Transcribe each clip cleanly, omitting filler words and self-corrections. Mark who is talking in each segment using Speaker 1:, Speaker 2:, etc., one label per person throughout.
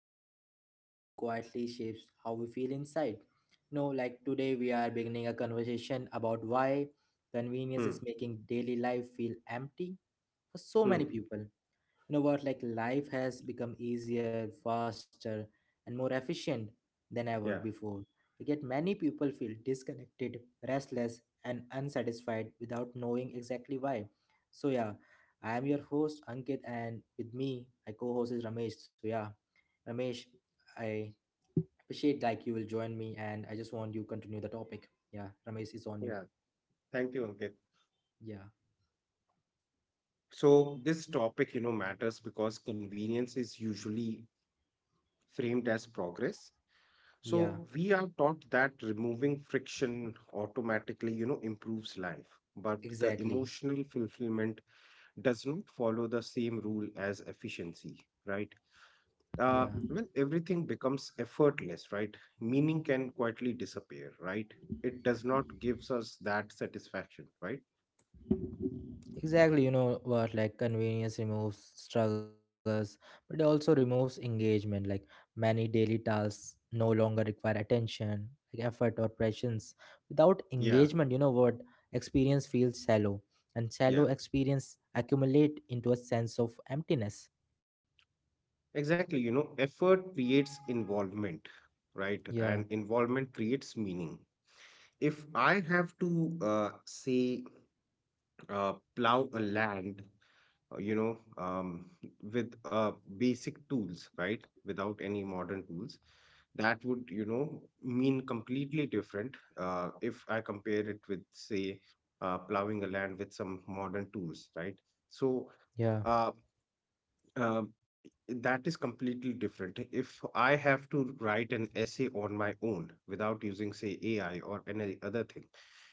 Speaker 1: modern living quietly shapes how we feel inside. No, like today we are beginning a conversation about why convenience
Speaker 2: Hmm.
Speaker 1: is making daily life feel empty for so
Speaker 2: Hmm.
Speaker 1: many people. You know what, like life has become easier, faster, and more efficient than ever
Speaker 2: Yeah.
Speaker 1: before, yet many people feel disconnected, restless, and unsatisfied without knowing exactly why. So yeah, I am your host Ankit, and with me my co-host is Ramesh. So yeah, Ramesh, I appreciate like you will join me, and I just want you continue the topic. Yeah, Ramesh is on you.
Speaker 2: Yeah. Thank you, Ankit.
Speaker 1: Yeah,
Speaker 2: So this topic, you know, matters because convenience is usually framed as progress.
Speaker 1: yeah,
Speaker 2: So we are taught that removing friction automatically, you know, improves life, but the
Speaker 1: exactly,
Speaker 2: emotional fulfillment does not follow the same rule as efficiency, right?
Speaker 1: yeah.
Speaker 2: When everything becomes effortless, right? Meaning can quietly disappear, right? It does not gives us that satisfaction, right?
Speaker 1: Exactly, you know what? Like convenience removes struggles, but it also removes engagement. Like many daily tasks no longer require attention, like effort or prescience. Without
Speaker 2: Yeah.
Speaker 1: engagement, you know what? Experience feels shallow, and
Speaker 2: Yeah.
Speaker 1: shallow experience accumulate into a sense of emptiness.
Speaker 2: Exactly, you know, effort creates involvement, right? And
Speaker 1: Yeah,
Speaker 2: involvement creates meaning. If I have to, say, plow a land, uh, you know, um, with basic tools, right? Without any modern tools, that would, you know, mean completely different if I compare it with, say, plowing a land with some modern tools, right? So, uh,
Speaker 1: yeah,
Speaker 2: uh, that is completely different. If I have to write an essay on my own without using, say, AI or any other thing,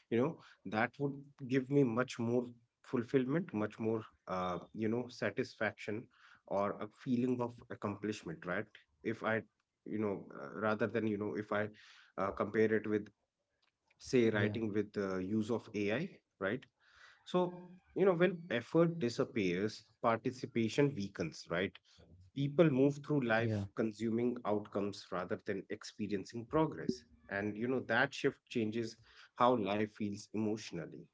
Speaker 2: you know, that would give me much more fulfillment, much more, you know, satisfaction or a feeling of accomplishment, right? If I, you know, rather than, you know, if I compare it with, say, writing with
Speaker 1: yeah,
Speaker 2: the use of AI, right? So, you know, when effort disappears, participation weakens, right? People move through life
Speaker 1: yeah.
Speaker 2: consuming outcomes rather than experiencing progress. And you know that shift changes how life feels emotionally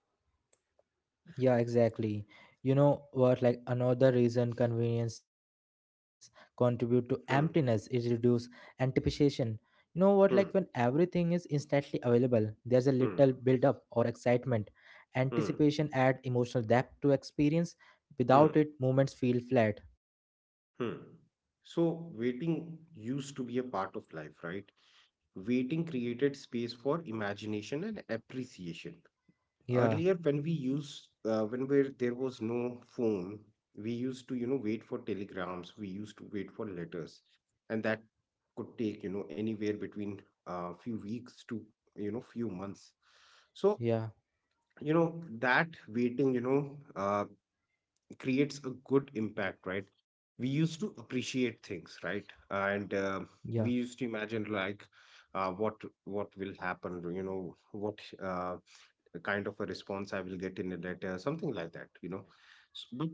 Speaker 1: Yeah, exactly. You know what? Like another reason convenience contribute to
Speaker 2: hmm
Speaker 1: emptiness is reduce anticipation. You know
Speaker 2: hmm
Speaker 1: what? Like when everything is instantly available,
Speaker 2: hmm
Speaker 1: there's a little build up or excitement.
Speaker 2: hmm
Speaker 1: Anticipation add emotional depth to
Speaker 2: hmm
Speaker 1: experience. Without it, moments feel flat.
Speaker 2: hmm so waiting used to be a part of life, right? Waiting created space for imagination and appreciation. Earlier when we
Speaker 1: Yeah,
Speaker 2: used when where there was no phone, we used to, you know, wait for telegrams, we used to wait for letters, and that could take, you know, anywhere between a few weeks to, you know, few months. So you
Speaker 1: yeah,
Speaker 2: know that waiting, you know, creates a good impact, right? We used to appreciate things, right? And we used to
Speaker 1: yeah,
Speaker 2: imagine like, uh, what what will happen, you know what, the kind of a response I will get in a letter, something like that, you know. So, but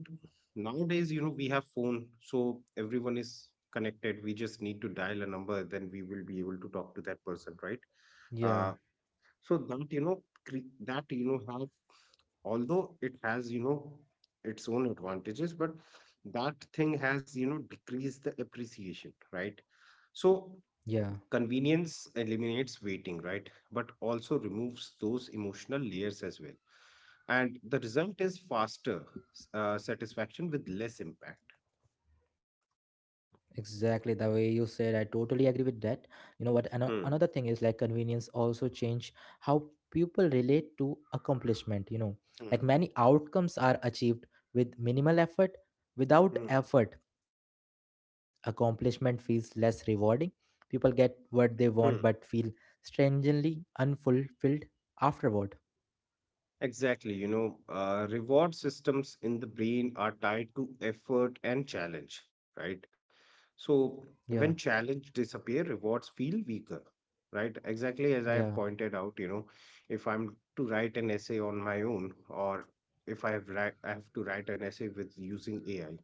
Speaker 2: nowadays, you know, we have phone, so everyone is connected. We just need to dial a number, then we will be able to talk to that person, right? Uh, so
Speaker 1: yeah,
Speaker 2: that, you know, that, you know, have, although it has, you know, its own advantages, but that thing has, you know, decreased the appreciation, right? So
Speaker 1: yeah.
Speaker 2: convenience eliminates waiting, right? But also removes those emotional layers as well. And the result is faster satisfaction with less impact.
Speaker 1: Exactly the way you said, I totally agree with that. You know what?
Speaker 2: Hmm.
Speaker 1: Another thing is like convenience also change how people relate to accomplishment. You know, like
Speaker 2: Hmm.
Speaker 1: many outcomes are achieved with minimal effort. Without
Speaker 2: Hmm.
Speaker 1: effort, accomplishment feels less rewarding. People get what they want but feel
Speaker 2: Hmm.
Speaker 1: strangely unfulfilled afterward.
Speaker 2: Exactly. You know, reward systems in the brain are tied to effort and challenge, right?
Speaker 1: Yeah,
Speaker 2: So when challenge disappear, rewards feel weaker, right? Exactly as
Speaker 1: yeah,
Speaker 2: I have pointed out, you know, if I'm to write an essay on my own, or if I have write, I have to write an essay with using AI.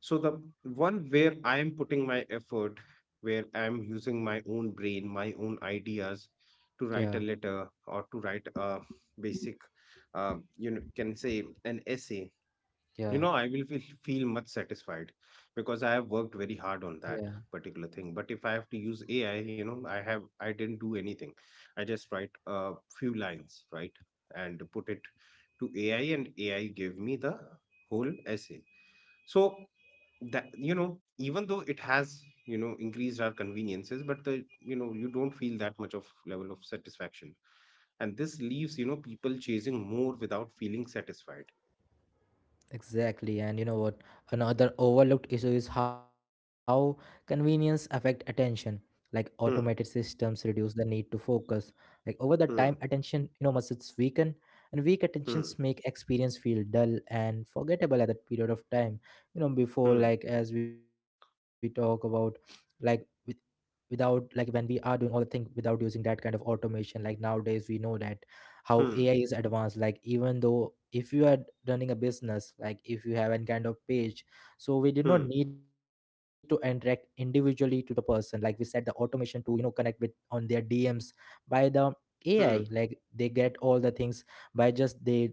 Speaker 2: So the one where I am putting my effort, where I'm using my own brain, my own ideas to
Speaker 1: yeah,
Speaker 2: write a letter or to write a basic, you know, can say an essay, you
Speaker 1: yeah,
Speaker 2: know, I will feel much satisfied because I have
Speaker 1: yeah.
Speaker 2: worked very hard on that particular thing. But if I have to use AI, you know, I didn't do anything. I just write a few lines, right? And put it to AI, and AI gave me the whole essay. So that, you know, even though it has, you know, increased our conveniences, but the, you know, you don't feel that much of level of satisfaction. And this leaves, you know, people chasing more without feeling satisfied
Speaker 1: Exactly, and you know what? Another overlooked issue is how convenience affect attention. Like automated systems
Speaker 2: hmm,
Speaker 1: reduce the need to focus. Like over the time,
Speaker 2: hmm,
Speaker 1: attention you know muscles weaken, and weak attentions
Speaker 2: hmm.
Speaker 1: make experience feel dull and forgettable at that period of time. You know, before
Speaker 2: Hmm.
Speaker 1: like as we talk about, like with without, like when we are doing all the thing without using that kind of automation, like nowadays we know that how AI
Speaker 2: Hmm.
Speaker 1: is advanced. Like even though if you are running a business, like if you have any kind of page, so we did
Speaker 2: Hmm.
Speaker 1: not need to interact individually to the person. Like we said, the automation to you know connect with on their DMs by the AI.
Speaker 2: Hmm.
Speaker 1: Like they get all the things by just they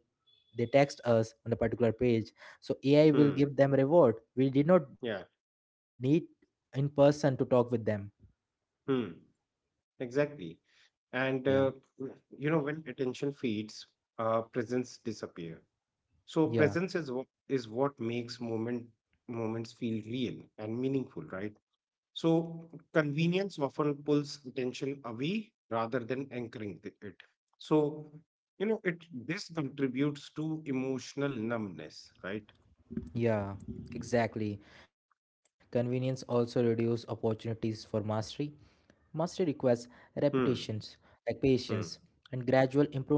Speaker 1: they text us on a particular page. So AI will
Speaker 2: Hmm.
Speaker 1: give them reward. We did not need
Speaker 2: Yeah.
Speaker 1: in person to talk with them.
Speaker 2: Hmm. Exactly.
Speaker 1: Yeah.
Speaker 2: And you know, when attention fades, presence disappear. So
Speaker 1: Yeah.
Speaker 2: presence is what makes moments feel real and meaningful, right? So convenience often pulls attention away rather than anchoring it. So you know, it this contributes to emotional numbness, right?
Speaker 1: Yeah, exactly. Convenience also reduces opportunities for mastery. Mastery requires repetitions,
Speaker 2: Hmm.
Speaker 1: like patience,
Speaker 2: Hmm.
Speaker 1: and gradual improvement.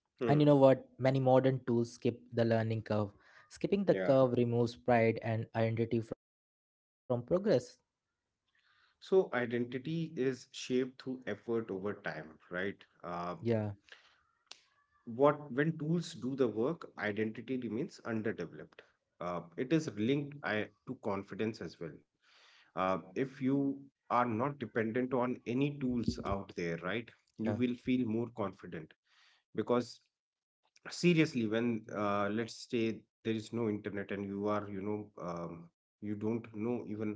Speaker 1: And you know
Speaker 2: Hmm.
Speaker 1: what? Many modern tools skip the learning curve. Skipping the
Speaker 2: Yeah.
Speaker 1: curve removes pride and identity from progress.
Speaker 2: So identity is shaped through effort over time, right?
Speaker 1: Yeah,
Speaker 2: What when tools do the work, identity remains underdeveloped. It is linked to confidence as well. If you are not dependent on any tools out there, right,
Speaker 1: yeah,
Speaker 2: you will feel more confident because seriously when, let's say there is no internet and you are, you know, you don't know even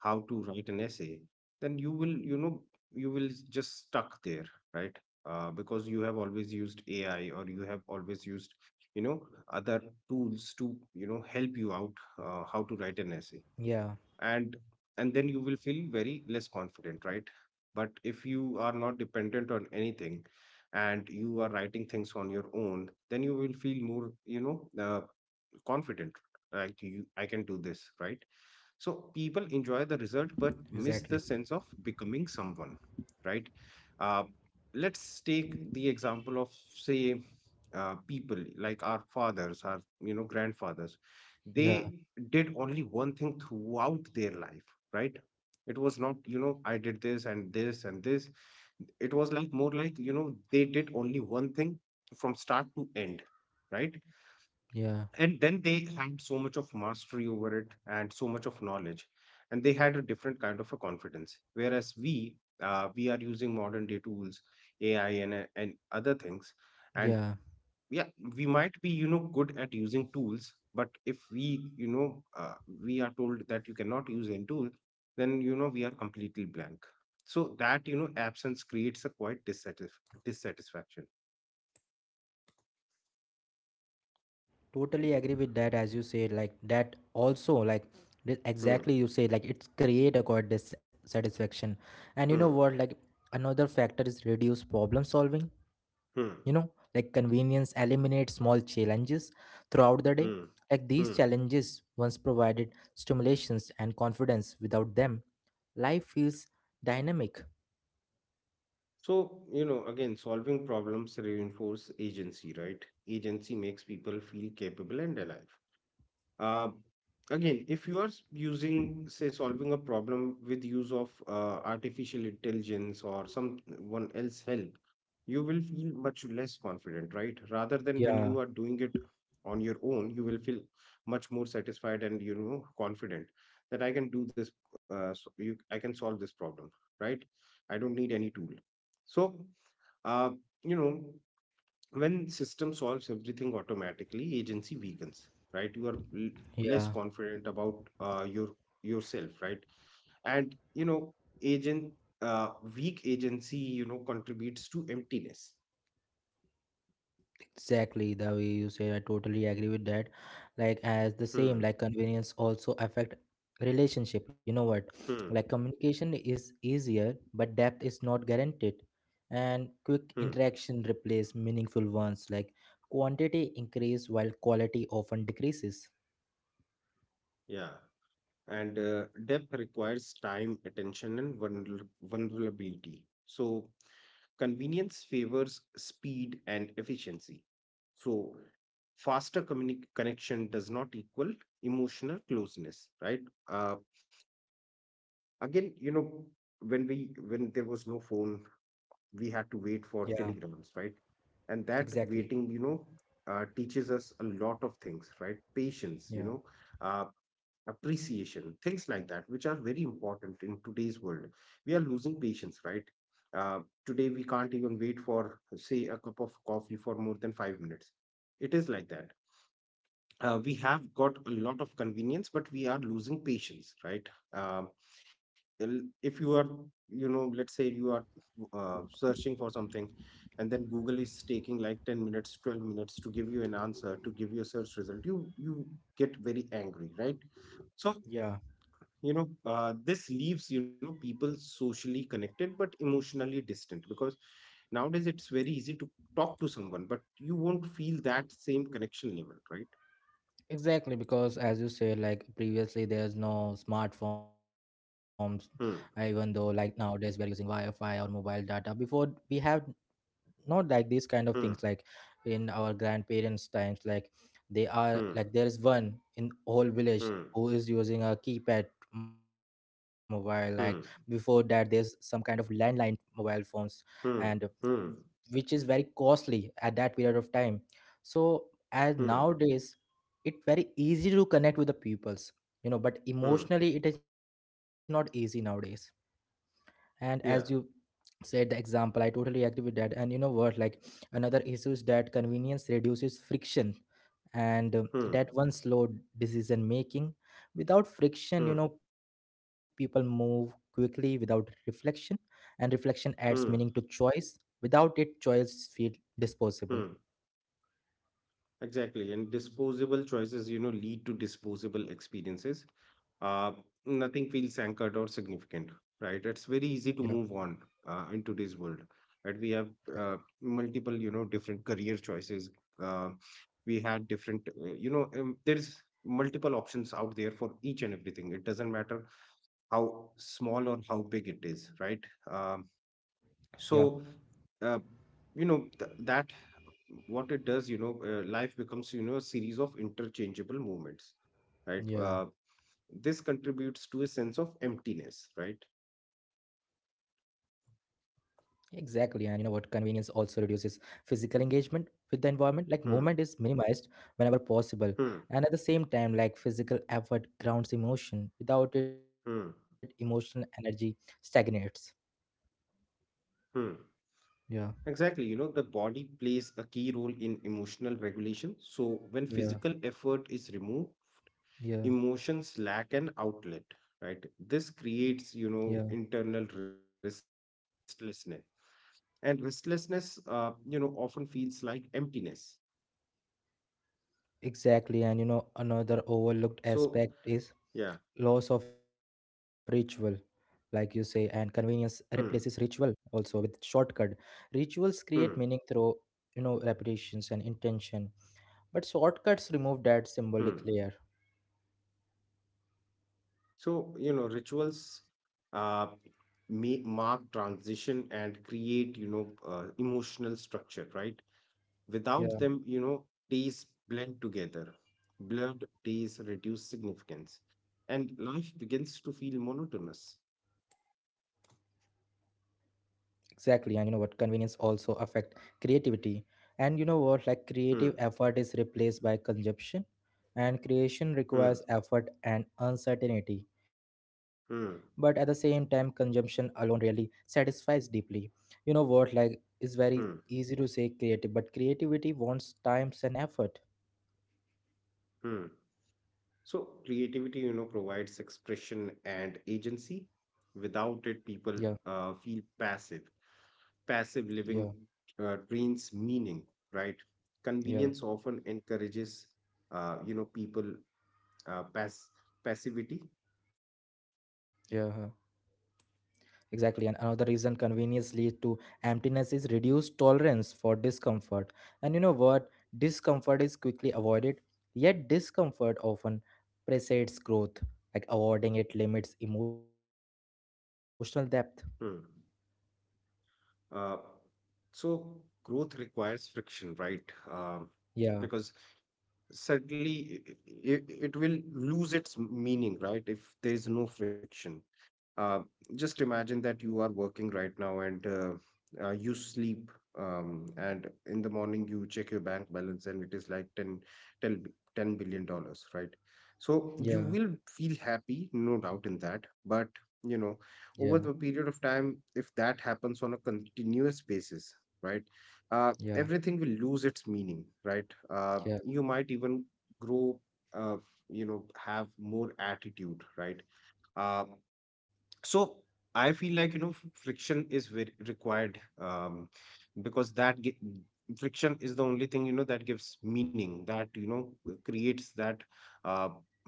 Speaker 2: how to write an essay, then you will, you know, you will just stuck there, right? Uh, because you have always used AI or you have always used, you know, other tools to, you know, help you out how to write an essay,
Speaker 1: yeah,
Speaker 2: and and then you will feel very less confident, right? But if you are not dependent on anything and you are writing things on your own, then you will feel more, you know, confident, like you, I can do this, right? So people enjoy the
Speaker 1: exactly.
Speaker 2: result but miss the sense of becoming someone, right? Uh, let's take the example of, say, people like our fathers, our, you know, grandfathers.
Speaker 1: Yeah,
Speaker 2: They did only one thing throughout their life, right? It was not, you know, I did this and this and this. It was like more like, you know, they did only one thing from start to end, right?
Speaker 1: yeah,
Speaker 2: And then they had so much of mastery over it and so much of knowledge, and they had a different kind of a confidence, whereas we, we are using modern day tools, AI and other things, and
Speaker 1: yeah.
Speaker 2: yeah, we might be, you know, good at using tools, but if we, you know, we are told that you cannot use any tool, then you know we are completely blank. So that, you know, absence creates a quite dissatisfaction
Speaker 1: Totally agree with that, as you say, like that also like
Speaker 2: hmm
Speaker 1: exactly you say, like it's create a god dissatisfaction. And you know what,
Speaker 2: hmm
Speaker 1: like another factor is reduce problem solving.
Speaker 2: hmm
Speaker 1: You know, like convenience eliminates small challenges throughout the day,
Speaker 2: hmm
Speaker 1: like these
Speaker 2: hmm
Speaker 1: challenges once provided stimulations and confidence. Without them, life feels dynamic.
Speaker 2: So, you know, again, solving problems reinforce agency, right? Agency makes people feel capable and alive. Uh, again, if you are using, say, solving a problem with use of artificial intelligence or someone else help, you will feel much less confident, right? Rather than when
Speaker 1: Yeah,
Speaker 2: you are doing it on your own, you will feel much more satisfied and, you know, confident that I can do this. So I can solve this problem, right? I don't need any tool. So, uh, you know, when system solves everything automatically, agency weakens, right? You are less
Speaker 1: yeah.
Speaker 2: confident about yourself, right? And you know agent uh, weak agency, you know, contributes to emptiness
Speaker 1: Exactly the way you say, I totally agree with that. Like as the same,
Speaker 2: hmm
Speaker 1: like convenience also affect relationship. You know what? Like
Speaker 2: hmm
Speaker 1: communication is easier, but depth is not guaranteed. And
Speaker 2: hmm
Speaker 1: quick interaction replace meaningful ones. Like quantity increase while quality often decreases.
Speaker 2: yeah. And depth requires time, attention and vulnerability. So convenience favors speed and efficiency. So faster connection does not equal emotional closeness, right? Uh, again, you know, when we, when there was no phone, we had to wait
Speaker 1: Yeah,
Speaker 2: for telegrams, right? And that
Speaker 1: exactly.
Speaker 2: waiting, you know, teaches us a lot of things, right? Patience,
Speaker 1: Yeah.
Speaker 2: you know, uh, appreciation, things like that, which are very important in today's world. We are losing patience, right? Uh, today, we can't even wait for, say, a cup of coffee for more than 5 minutes. It is like that. We have got a lot of convenience, but we are losing patience, right? Um well, if you are, you know, let's say you are, searching for something, and then google is taking like 10 minutes, 12 minutes to give you an answer, to give you a search result, you get very angry, right? So
Speaker 1: Yeah.
Speaker 2: you know, this leaves, you know, people socially connected but emotionally distant, because nowadays it's very easy to talk to someone but you won't feel that same connection level, right
Speaker 1: Exactly, because as you said, like previously, there's no smartphones, even though like
Speaker 2: hmm
Speaker 1: nowadays we are using Wi-Fi or mobile data. Before we have not like these kind of things, like
Speaker 2: hmm
Speaker 1: in our grandparents times, like they are
Speaker 2: hmm
Speaker 1: like there is one in whole village
Speaker 2: hmm
Speaker 1: who is using a keypad mobile, like before that
Speaker 2: hmm
Speaker 1: there's some kind of landline mobile phones, and
Speaker 2: hmm hmm
Speaker 1: which is very costly at that period of time. So as
Speaker 2: hmm
Speaker 1: nowadays, it's very easy to connect with the peoples, you know, but
Speaker 2: hmm
Speaker 1: emotionally it is not easy nowadays. And as you
Speaker 2: Yeah.
Speaker 1: said the example, I totally agree with that. And you know what, like another issue is that convenience reduces friction, and
Speaker 2: Hmm.
Speaker 1: that one slow decision making. Without friction, you
Speaker 2: Hmm.
Speaker 1: know, people move quickly without reflection, and reflection adds meaning to
Speaker 2: Hmm.
Speaker 1: choice. Without it, choice feel disposable.
Speaker 2: Hmm. Exactly. And disposable choices, you know, lead to disposable experiences. Uh, nothing feels anchored or significant, right? It's very easy
Speaker 1: Yeah,
Speaker 2: to move on in today's world. Right? We have uh, multiple, you know, different career choices. Uh, we had different, you know, there's multiple options out there for each and everything. It doesn't matter how small or how big it is, right? Um,
Speaker 1: yeah,
Speaker 2: so uh, you know that what it does, you know, life becomes, you know, a series of interchangeable moments, right?
Speaker 1: yeah.
Speaker 2: This contributes to a sense of emptiness, right
Speaker 1: Exactly, and you know what? Convenience also reduces physical engagement with the environment. Like
Speaker 2: hmm
Speaker 1: movement is minimized whenever
Speaker 2: hmm
Speaker 1: possible, and at the same time, like physical effort grounds emotion. Without it,
Speaker 2: hmm
Speaker 1: emotional energy stagnates.
Speaker 2: hmm exactly. You know, the
Speaker 1: Yeah,
Speaker 2: body plays a key role in emotional regulation. So when physical
Speaker 1: yeah,
Speaker 2: effort is removed,
Speaker 1: yeah,
Speaker 2: emotions lack an outlet, right? This
Speaker 1: yeah.
Speaker 2: creates, you know, internal restlessness, and restlessness, you know, often feels like emptiness.
Speaker 1: Exactly, and you know, another
Speaker 2: So
Speaker 1: overlooked aspect
Speaker 2: yeah
Speaker 1: is loss of ritual, like you say, and convenience
Speaker 2: hmm,
Speaker 1: replaces ritual also with shortcut. Rituals
Speaker 2: hmm,
Speaker 1: create meaning through, you know, repetitions and intention, but shortcuts remove that
Speaker 2: hmm.
Speaker 1: symbolic layer.
Speaker 2: So you know rituals uh, may mark transition and create, you know, emotional structure, right?
Speaker 1: Yeah.
Speaker 2: Without them, you know, days blend together. Blurred days reduce significance, and life begins to feel monotonous
Speaker 1: Exactly, and you know what? Convenience also affect creativity, and you know what? Like creative
Speaker 2: hmm,
Speaker 1: effort is replaced by consumption, and creation requires
Speaker 2: hmm,
Speaker 1: effort and uncertainty. But at the same time,
Speaker 2: hmm,
Speaker 1: consumption alone really satisfies deeply. You know what? Like it's very
Speaker 2: hmm,
Speaker 1: easy to say creative, but creativity wants times and effort.
Speaker 2: hmm. So, creativity, you know, provides expression and agency.
Speaker 1: Yeah,
Speaker 2: Without it, people feel passive. Passive
Speaker 1: yeah,
Speaker 2: living drains meaning, right?
Speaker 1: yeah,
Speaker 2: Convenience often encourages, you know, people uh, pass passivity.
Speaker 1: yeah. Huh. Exactly, and another reason convenience leads to emptiness is reduced tolerance for discomfort. And you know what? Discomfort is quickly avoided, yet discomfort often precedes growth. Like avoiding it limits emotional depth.
Speaker 2: Hmm. Uh, so, growth requires friction, right? Um
Speaker 1: Yeah,
Speaker 2: because certainly it will lose its meaning, right? If there is no friction. uh, just imagine that you are working right now and you sleep and in the morning you check your bank balance and it is like ten, bi- 10 billion dollars, right? So you will
Speaker 1: yeah,
Speaker 2: feel happy, no doubt in that, but you know,
Speaker 1: yeah,
Speaker 2: over the period of time, if that happens on a continuous basis, right,
Speaker 1: yeah,
Speaker 2: everything will lose its meaning, right. You
Speaker 1: yeah,
Speaker 2: might even grow, uh, you know, have more attitude, right. Uh, so I feel like, you know, friction is very required. Because friction is the only thing, you know, that gives meaning, that, you know, creates that uh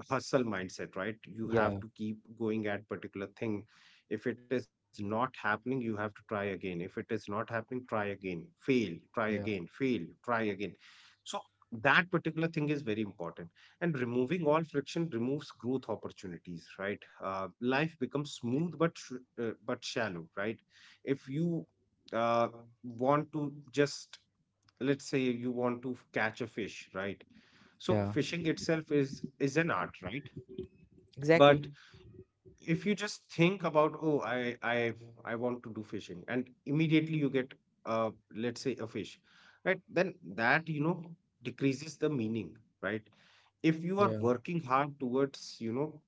Speaker 2: hustle mindset, right? You have to keep
Speaker 1: yeah,
Speaker 2: going at particular thing. If it is not happening, you have to try again. If it is not happening, try again, fail, try again, fail,
Speaker 1: yeah,
Speaker 2: try again. So that particular thing is very important. And removing all friction removes growth opportunities, right? Life becomes smooth but but shallow, right? If you uh, want to just, let's say you want to catch a fish, right? So fishing
Speaker 1: yeah.
Speaker 2: itself is an art, right? But
Speaker 1: Exactly.
Speaker 2: if you just think about, oh, I want to do fishing, and immediately you get uh let's say a fish, right, then that, you know, decreases the meaning, right? If you are working hard
Speaker 1: Yeah,
Speaker 2: towards, you know,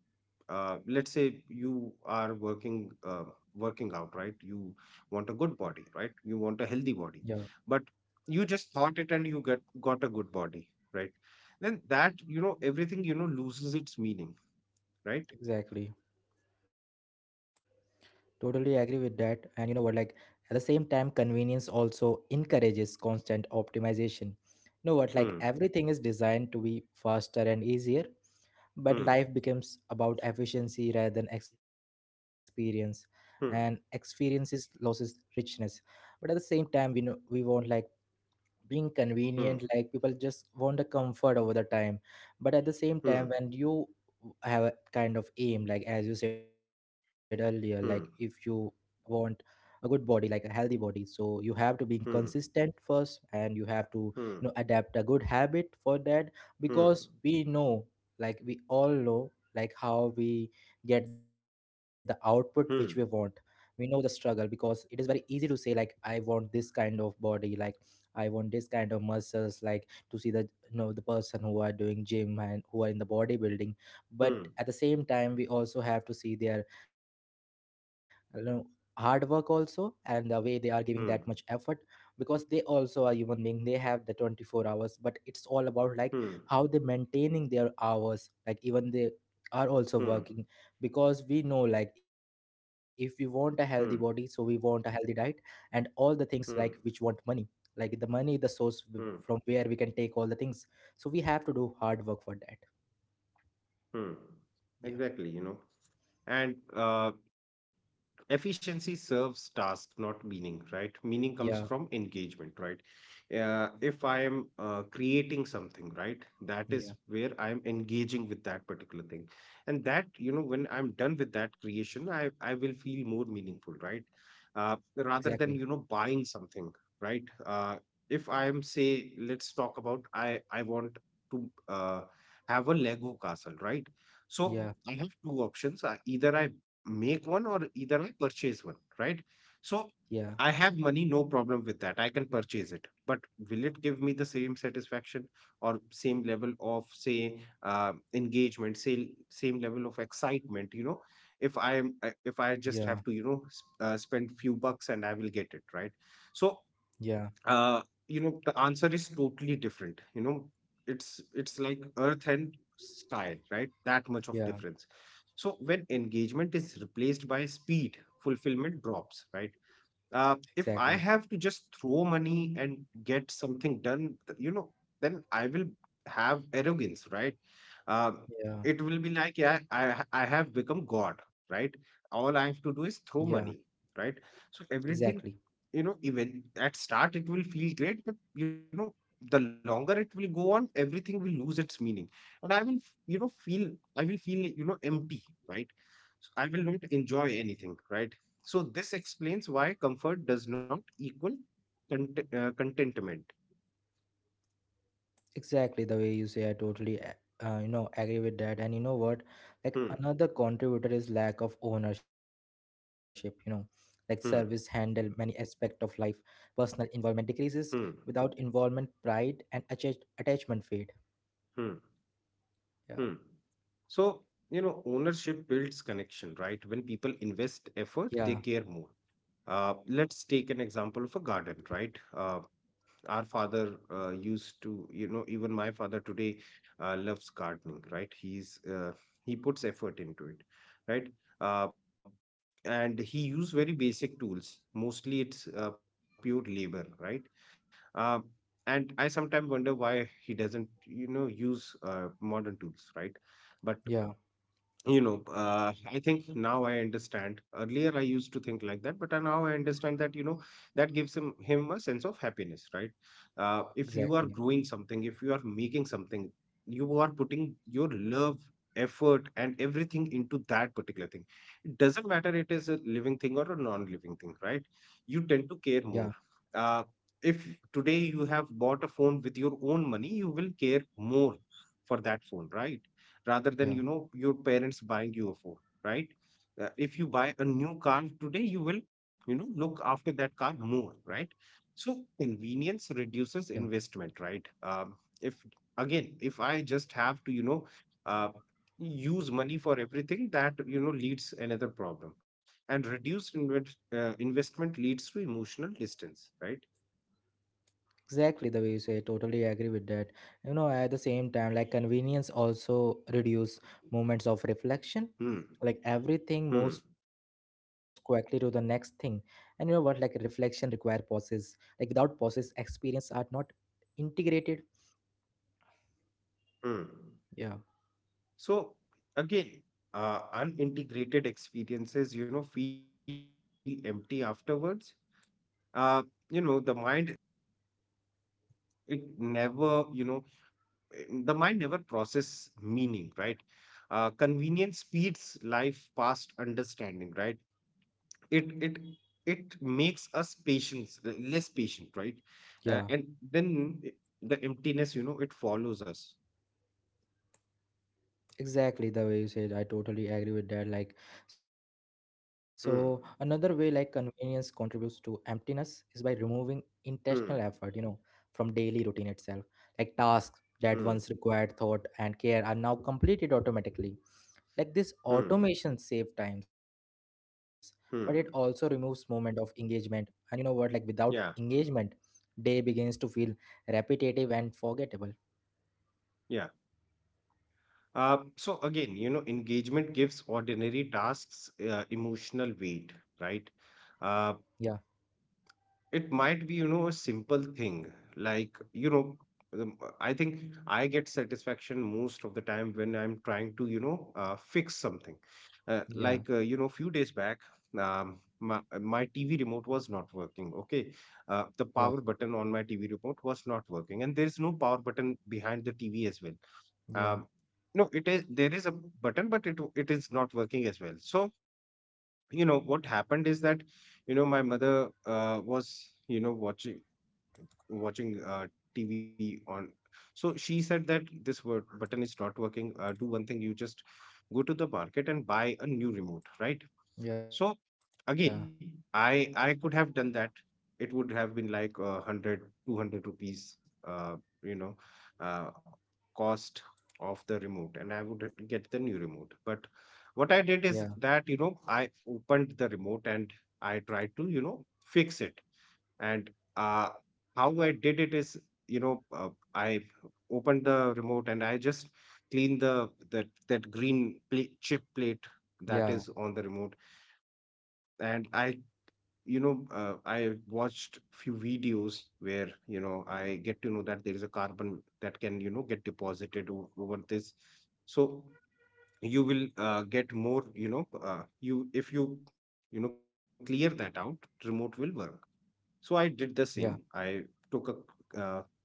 Speaker 2: let's say you are working, working out, right, you want a good body, right? You want a healthy body.
Speaker 1: yeah,
Speaker 2: But you just thought it and you get got a good body, right? Then that, you know, everything, you know, loses its meaning, right?
Speaker 1: exactly. Totally agree with that. And you know what? Like at the same time, convenience also encourages constant optimization. Know what,
Speaker 2: hmm
Speaker 1: like everything is designed to be faster and easier,
Speaker 2: hmm
Speaker 1: but life becomes about efficiency rather than experience, and
Speaker 2: hmm
Speaker 1: experiences loses richness. But at the same time, we know we want like being
Speaker 2: hmm
Speaker 1: convenient, like people just want the comfort over the time. But at the same
Speaker 2: hmm
Speaker 1: time, when you have a kind of aim, like as you said earlier, like if you
Speaker 2: hmm
Speaker 1: want a good body, like a healthy body, so you have to be
Speaker 2: hmm
Speaker 1: consistent first, and you have to you know adapt a good habit for that,
Speaker 2: hmm hmm
Speaker 1: because we know like we all know like how we get the output which we want.
Speaker 2: hmm
Speaker 1: We
Speaker 2: hmm
Speaker 1: know the struggle, because it is very easy to say like I want this kind of body, like I want this kind of muscles, like to see the you know the person who are doing gym and who are in the bodybuilding. But
Speaker 2: hmm
Speaker 1: at the same time, we also have to see their you know hard work also, and the way they are giving that much
Speaker 2: hmm
Speaker 1: effort, because they also are human being. They have the 24 hours, but it's all about like
Speaker 2: hmm
Speaker 1: how they maintaining their hours, like even they are also
Speaker 2: hmm
Speaker 1: working, because we know like if we want a healthy body, so we want a healthy diet, and all the things like which
Speaker 2: hmm hmm
Speaker 1: want money, like the money, the source w-
Speaker 2: hmm.
Speaker 1: from where we can take all the things. So we have to do hard work for that.
Speaker 2: Hmm.
Speaker 1: Yeah.
Speaker 2: Exactly, you know. And efficiency serves task, not meaning, right? Meaning
Speaker 1: Yeah,
Speaker 2: comes from engagement, right? If I am creating something, right, that is
Speaker 1: yeah,
Speaker 2: where I am engaging with that particular thing. And that, you know, when I'm done with that creation, I will feel more meaningful, right?
Speaker 1: exactly.
Speaker 2: Rather than, you know, buying something, right. If I am, say, let's talk about, I want to have a Lego castle, right?
Speaker 1: Yeah,
Speaker 2: So I have two options. Either I make one, or either I purchase one, right?
Speaker 1: yeah,
Speaker 2: So I have money, no problem with that. I can purchase it, but will it give me the same satisfaction or same level of, say, engagement, say same level of excitement? You know, if I
Speaker 1: yeah,
Speaker 2: am, if I just have to, you know, spend few bucks and I will get it, right? So
Speaker 1: yeah,
Speaker 2: uh you know, the answer is totally different, you know. It's like earth and sky, right? That much of
Speaker 1: yeah,
Speaker 2: difference. So when engagement is replaced by speed, fulfillment drops, right?
Speaker 1: exactly.
Speaker 2: If I have to just throw money and get something done, you know, then I will have arrogance, right? Um,
Speaker 1: Yeah,
Speaker 2: it will be like, yeah, I have become God, right? All
Speaker 1: yeah,
Speaker 2: I have to do is throw money, right? So
Speaker 1: exactly.
Speaker 2: everything, you know, even at start, it will feel great, but you know, the longer it will go on, everything will lose its meaning. And I will, you know, feel, I will feel, you know, empty, right? So I will not enjoy anything, right? So this explains why comfort does not equal contentment.
Speaker 1: Exactly the way you say, I totally you know agree with that. And you know what, like
Speaker 2: Hmm,
Speaker 1: another contributor is lack of ownership, you know, like service
Speaker 2: hmm,
Speaker 1: handle many aspect of life, personal involvement
Speaker 2: hmm,
Speaker 1: decreases. Without involvement, pride and attachment fade.
Speaker 2: hmm, hmm.
Speaker 1: Yeah.
Speaker 2: So you know, ownership builds connection, right? When people
Speaker 1: Yeah,
Speaker 2: invest effort, they care more. Let's take an example of a garden, right? Our father used to, you know, even my father today loves gardening, right? He's he puts effort into it, right. uh, and he used very basic tools, mostly it's pure labor, right. uh, and I sometimes wonder why he doesn't, you know, use modern tools, right? But
Speaker 1: yeah,
Speaker 2: you know, I think now I understand. Earlier I used to think like that, but now I understand that, you know, that gives him a sense of happiness, right? If
Speaker 1: exactly.
Speaker 2: you are growing something, if you are making something, you are putting your love, effort, and everything into that particular thing. It doesn't matter, it is a living thing or a non-living thing, right? You tend
Speaker 1: Yeah,
Speaker 2: to care more. uh, if today you have bought a phone with your own money, you will care more for that phone, right? Rather than,
Speaker 1: yeah,
Speaker 2: you know, your parents buying you a phone, right. If you buy a new car today, you will, you know, look after that car more, right? So
Speaker 1: yeah.
Speaker 2: convenience reduces investment, right? If, again, if I just have to, you know, uh, use money for everything, that, you know, leads another problem. And investment leads to emotional distance, right?
Speaker 1: Exactly the way you say, totally agree with that. You know, at the same time, like convenience also reduce moments of reflection.
Speaker 2: hmm
Speaker 1: Like everything
Speaker 2: hmm
Speaker 1: moves quickly to the next thing. And you know what, like reflection require pauses. Like without pauses, experience are not integrated.
Speaker 2: hmm
Speaker 1: Yeah,
Speaker 2: So again, unintegrated experiences, you know, feel empty afterwards. Uh, you know, the mind, it never, you know, the mind never process meaning, right? Convenience speeds life past understanding, right? It it it makes us patience, less patient, right?
Speaker 1: yeah.
Speaker 2: And then the emptiness, you know, it follows us.
Speaker 1: Exactly the way you said, I totally agree with that. Like, so another way like
Speaker 2: Hmm.
Speaker 1: convenience contributes to emptiness is by removing intentional
Speaker 2: Hmm.
Speaker 1: effort, you know, from daily routine itself. Like tasks that
Speaker 2: Hmm.
Speaker 1: once required thought and care are now completed automatically. Like this
Speaker 2: Hmm.
Speaker 1: automation save times, but it also removes
Speaker 2: Hmm.
Speaker 1: moment of engagement. And you know what, like without
Speaker 2: Yeah.
Speaker 1: engagement, day begins to feel repetitive and forgettable.
Speaker 2: Yeah. So again, you know, engagement gives ordinary tasks emotional weight, right?
Speaker 1: Yeah,
Speaker 2: Uh, it might be, you know, a simple thing like, you know, I think I get satisfaction most of the time when I'm trying to, you know, fix something.
Speaker 1: yeah,
Speaker 2: Like, you know, a few days back, my TV remote was not working. Okay.
Speaker 1: yeah,
Speaker 2: The power button on my TV remote was not working, and there's no power button behind the TV as well.
Speaker 1: yeah,
Speaker 2: um, no, it is, there is a button, but it is not working as well. So you know what happened is that, you know, my mother was, you know, watching TV on. So she said that this word button is not working. Do one thing, you just go to the market and buy a new remote, right?
Speaker 1: yeah.
Speaker 2: So again, I could have done that. It would have been like 100, 200 rupees, you know, uh, cost of the remote, and I would get the new remote. But what I did is
Speaker 1: Yeah.
Speaker 2: that, you know, I opened the remote and I tried to, you know, fix it. And uh, how I did it is, you know, I opened the remote and I just cleaned the that that green plate, chip plate that
Speaker 1: Yeah,
Speaker 2: is on the remote. And I, you know, I watched few videos where, you know, I get to know that there is a carbon that can, you know, get deposited over this. So you will get more, you know, you if you, you know, clear that out, remote will work. So I did the
Speaker 1: yeah,
Speaker 2: same. I took a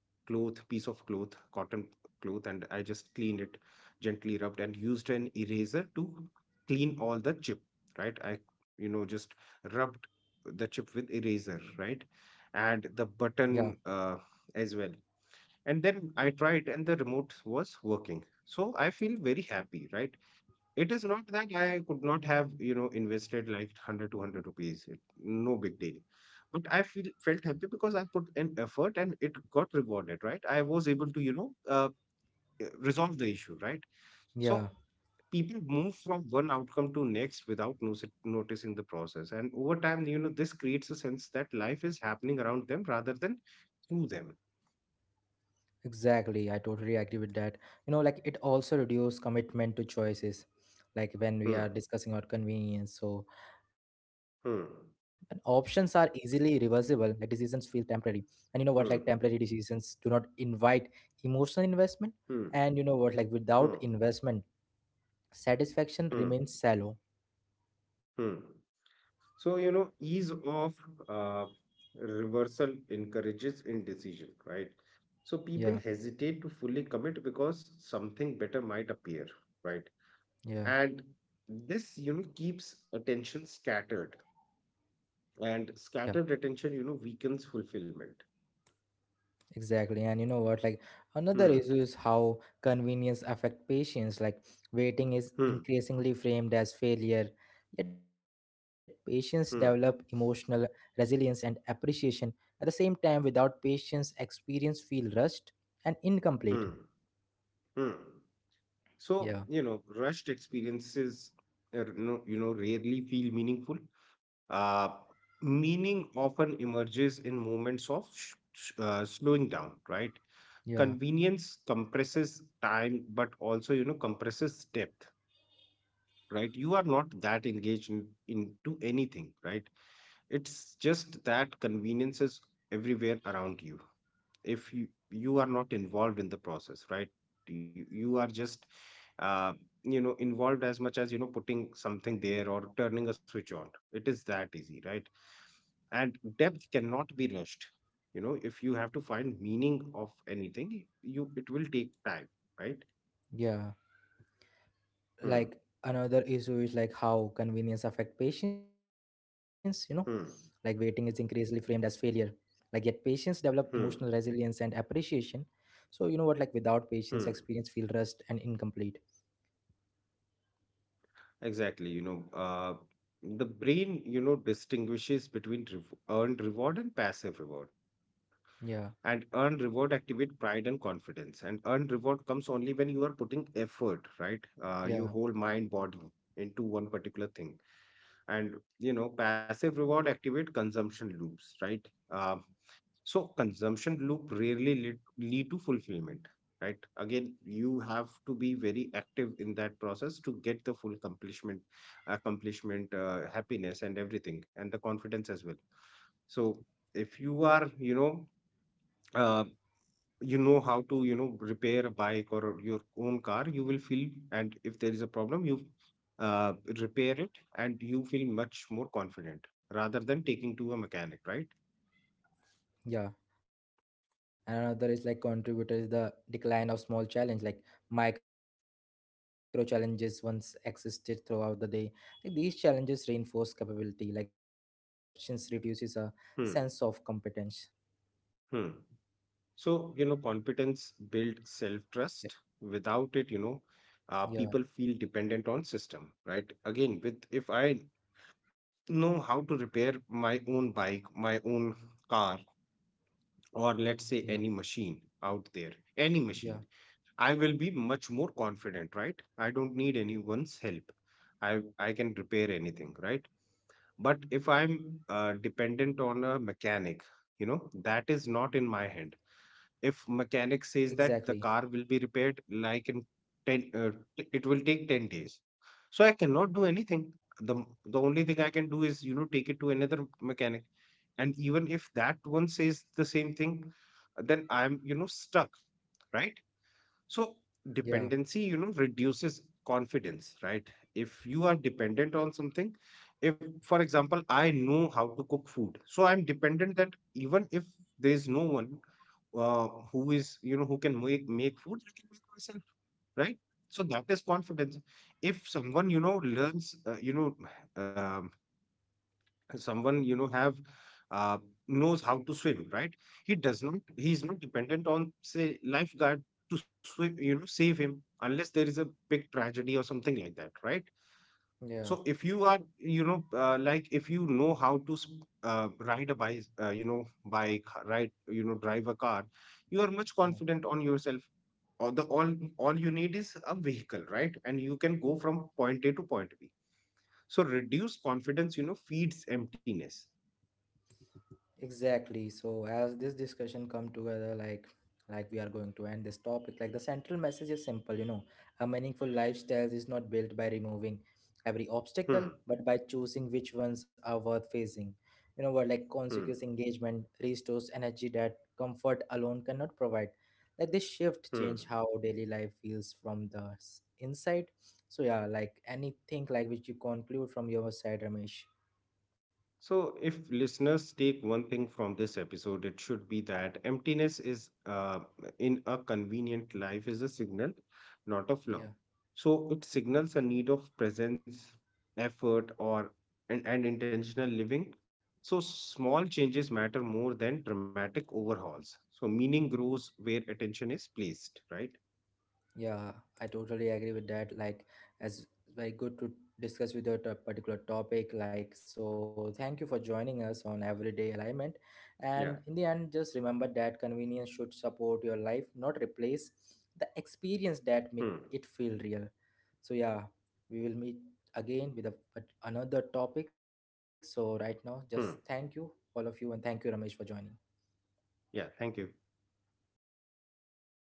Speaker 2: cloth, piece of cloth, cotton cloth, and I just cleaned it, gently rubbed, and used an eraser to clean all the chip, right? I, you know, just rubbed the chip with eraser, right? And
Speaker 1: yeah,
Speaker 2: the button as well. And then I tried, and the remote was working. So I feel very happy, right? It is not that I could not have, you know, invested like 100 200 rupees. It, no big deal. But I feel felt happy because I put an effort and it got rewarded, right? I was able to, you know, resolve the issue, right? So
Speaker 1: yeah.
Speaker 2: people move from one outcome to next without noticing the process. And over time, you know, this creates a sense that life is happening around them rather than through them.
Speaker 1: Exactly. I totally agree with that. You know, like it also reduces commitment to choices, like when we are
Speaker 2: Hmm,
Speaker 1: discussing our convenience. So, and options are
Speaker 2: hmm,
Speaker 1: easily reversible, like decisions feel temporary. And you know what, like temporary
Speaker 2: hmm,
Speaker 1: decisions do not invite emotional investment.
Speaker 2: hmm,
Speaker 1: And you know what, like without
Speaker 2: hmm,
Speaker 1: investment, satisfaction
Speaker 2: hmm,
Speaker 1: remains shallow.
Speaker 2: hmm. So, you know, ease of uh, reversal encourages indecision, right? So
Speaker 1: Yeah,
Speaker 2: people hesitate to fully commit because something better might appear, right?
Speaker 1: yeah,
Speaker 2: And this, you know, keeps attention scattered,
Speaker 1: yeah.
Speaker 2: and scattered attention, you know, weakens fulfillment.
Speaker 1: Exactly. And you know what? Like another
Speaker 2: Hmm,
Speaker 1: issue is how convenience affect patients. Like waiting is
Speaker 2: hmm,
Speaker 1: increasingly framed as failure, yet patients develop emotional
Speaker 2: hmm,
Speaker 1: resilience and appreciation. At the same time, without patience, experience feel rushed and incomplete.
Speaker 2: hmm, hmm. So,
Speaker 1: Yeah,
Speaker 2: you know, rushed experiences, you know, rarely feel meaningful. Uh, Meaning often emerges in moments of slowing down, right?
Speaker 1: yeah,
Speaker 2: Convenience compresses time, but also, you know, compresses depth, right? You are not that engaged into anything, right? It's just that convenience is everywhere around you. If you are not involved in the process, right, you are just uh, you know, involved as much as, you know, putting something there or turning a switch on. It is that easy, right? And depth cannot be rushed. You know, if you have to find meaning of anything, you it will take time, right.
Speaker 1: yeah.
Speaker 2: hmm
Speaker 1: Like another issue is like how convenience affect patients, you know, like waiting is
Speaker 2: hmm
Speaker 1: increasingly framed as failure, like yet patients develop
Speaker 2: hmm
Speaker 1: emotional resilience and appreciation. So you know what, like without
Speaker 2: hmm
Speaker 1: patients, experience feel rushed and incomplete.
Speaker 2: Exactly, you know, the brain, you know, distinguishes between rev earned reward and passive reward. And earned
Speaker 1: Yeah,
Speaker 2: reward activate pride and confidence. And earned reward comes only when you are putting effort, right? Your whole mind,
Speaker 1: yeah,
Speaker 2: body into one particular thing. And you know, passive reward activate consumption loops, right? So consumption loop rarely lead to fulfillment, right? Again, you have to be very active in that process to get the full accomplishment, happiness, and everything, and the confidence as well. So if you are, uh, you know how to, you know, repair a bike or your own car, you will feel, and if there is a problem, you uh, repair it, and you feel much more confident rather than taking to a mechanic, right?
Speaker 1: yeah. And another is like contributor is the decline of small challenge, like micro challenges once existed throughout the day, like these challenges reinforce capability, like their absence reduces a sense of competence.
Speaker 2: Hmm. Hmm. So, you know, confidence
Speaker 1: Yeah,
Speaker 2: builds self-trust. Without it, you know,
Speaker 1: yeah,
Speaker 2: people feel dependent on system, right? Again, with, if I know how to repair my own bike, my own car, or let's say any
Speaker 1: yeah.
Speaker 2: machine out there, any machine,
Speaker 1: Yeah,
Speaker 2: I will be much more confident, right? I don't need anyone's help. I can repair anything, right? But if I'm dependent on a mechanic, you know, that is not in my hand. If mechanic
Speaker 1: exactly.
Speaker 2: says that the car will be repaired like in 10 it will take 10 days, so I cannot do anything. the the only thing I can do is, you know, take it to another mechanic. And even if that one says the same thing, then I'm, you know, stuck, right? So
Speaker 1: Yeah,
Speaker 2: dependency, you know, reduces confidence, right? If you are dependent on something, if, for example, I know how to cook food, so I'm dependent that even if there is no one who is, you know, who can make food, I can make myself, right? So that is confidence. If someone, you know, learns, you know, um someone, you know, have uh, knows how to swim, right? He does not, he is not dependent on, say, lifeguard to swim, you know, save him, unless there is a big tragedy or something like that, right? So
Speaker 1: yeah,
Speaker 2: if you are, you know, like if you know how to ride a bike, you know, bike ride you know, drive a car, you are much
Speaker 1: yeah.
Speaker 2: confident on yourself. Or the all you need is a vehicle, right, and you can go from point A to point B. So reduced confidence, you know, feeds emptiness.
Speaker 1: Exactly. So as this discussion come together, like we are going to end this topic, like the central message is simple, you know, a meaningful lifestyle is not built by removing every
Speaker 2: Hmm.
Speaker 1: obstacle, but by choosing which ones are worth facing. You know what, like
Speaker 2: Hmm.
Speaker 1: conscious engagement restores energy that comfort alone cannot provide. Like this shift
Speaker 2: Hmm.
Speaker 1: change how daily life feels from the inside. So yeah, like anything like which you conclude from your side, Ramesh.
Speaker 2: So, if listeners take one thing from this episode, it should be that emptiness is in a convenient life is a signal, not a flaw.
Speaker 1: Yeah.
Speaker 2: So, it signals a need of presence, effort, or and intentional living. So, small changes matter more than dramatic overhauls. So, meaning grows where attention is placed, right?
Speaker 1: Yeah, I totally agree with that. Like, as very good to discuss with your particular topic. Like, so thank you for joining us on Everyday Alignment.
Speaker 2: Yeah.
Speaker 1: And in the end, just remember that convenience should support your life, not replace the experience
Speaker 2: Hmm.
Speaker 1: that make it feel real. So yeah, we will meet again with another topic. So right now, just thank
Speaker 2: Hmm.
Speaker 1: you all of you, and thank you Ramesh for joining.
Speaker 2: Yeah. Thank you.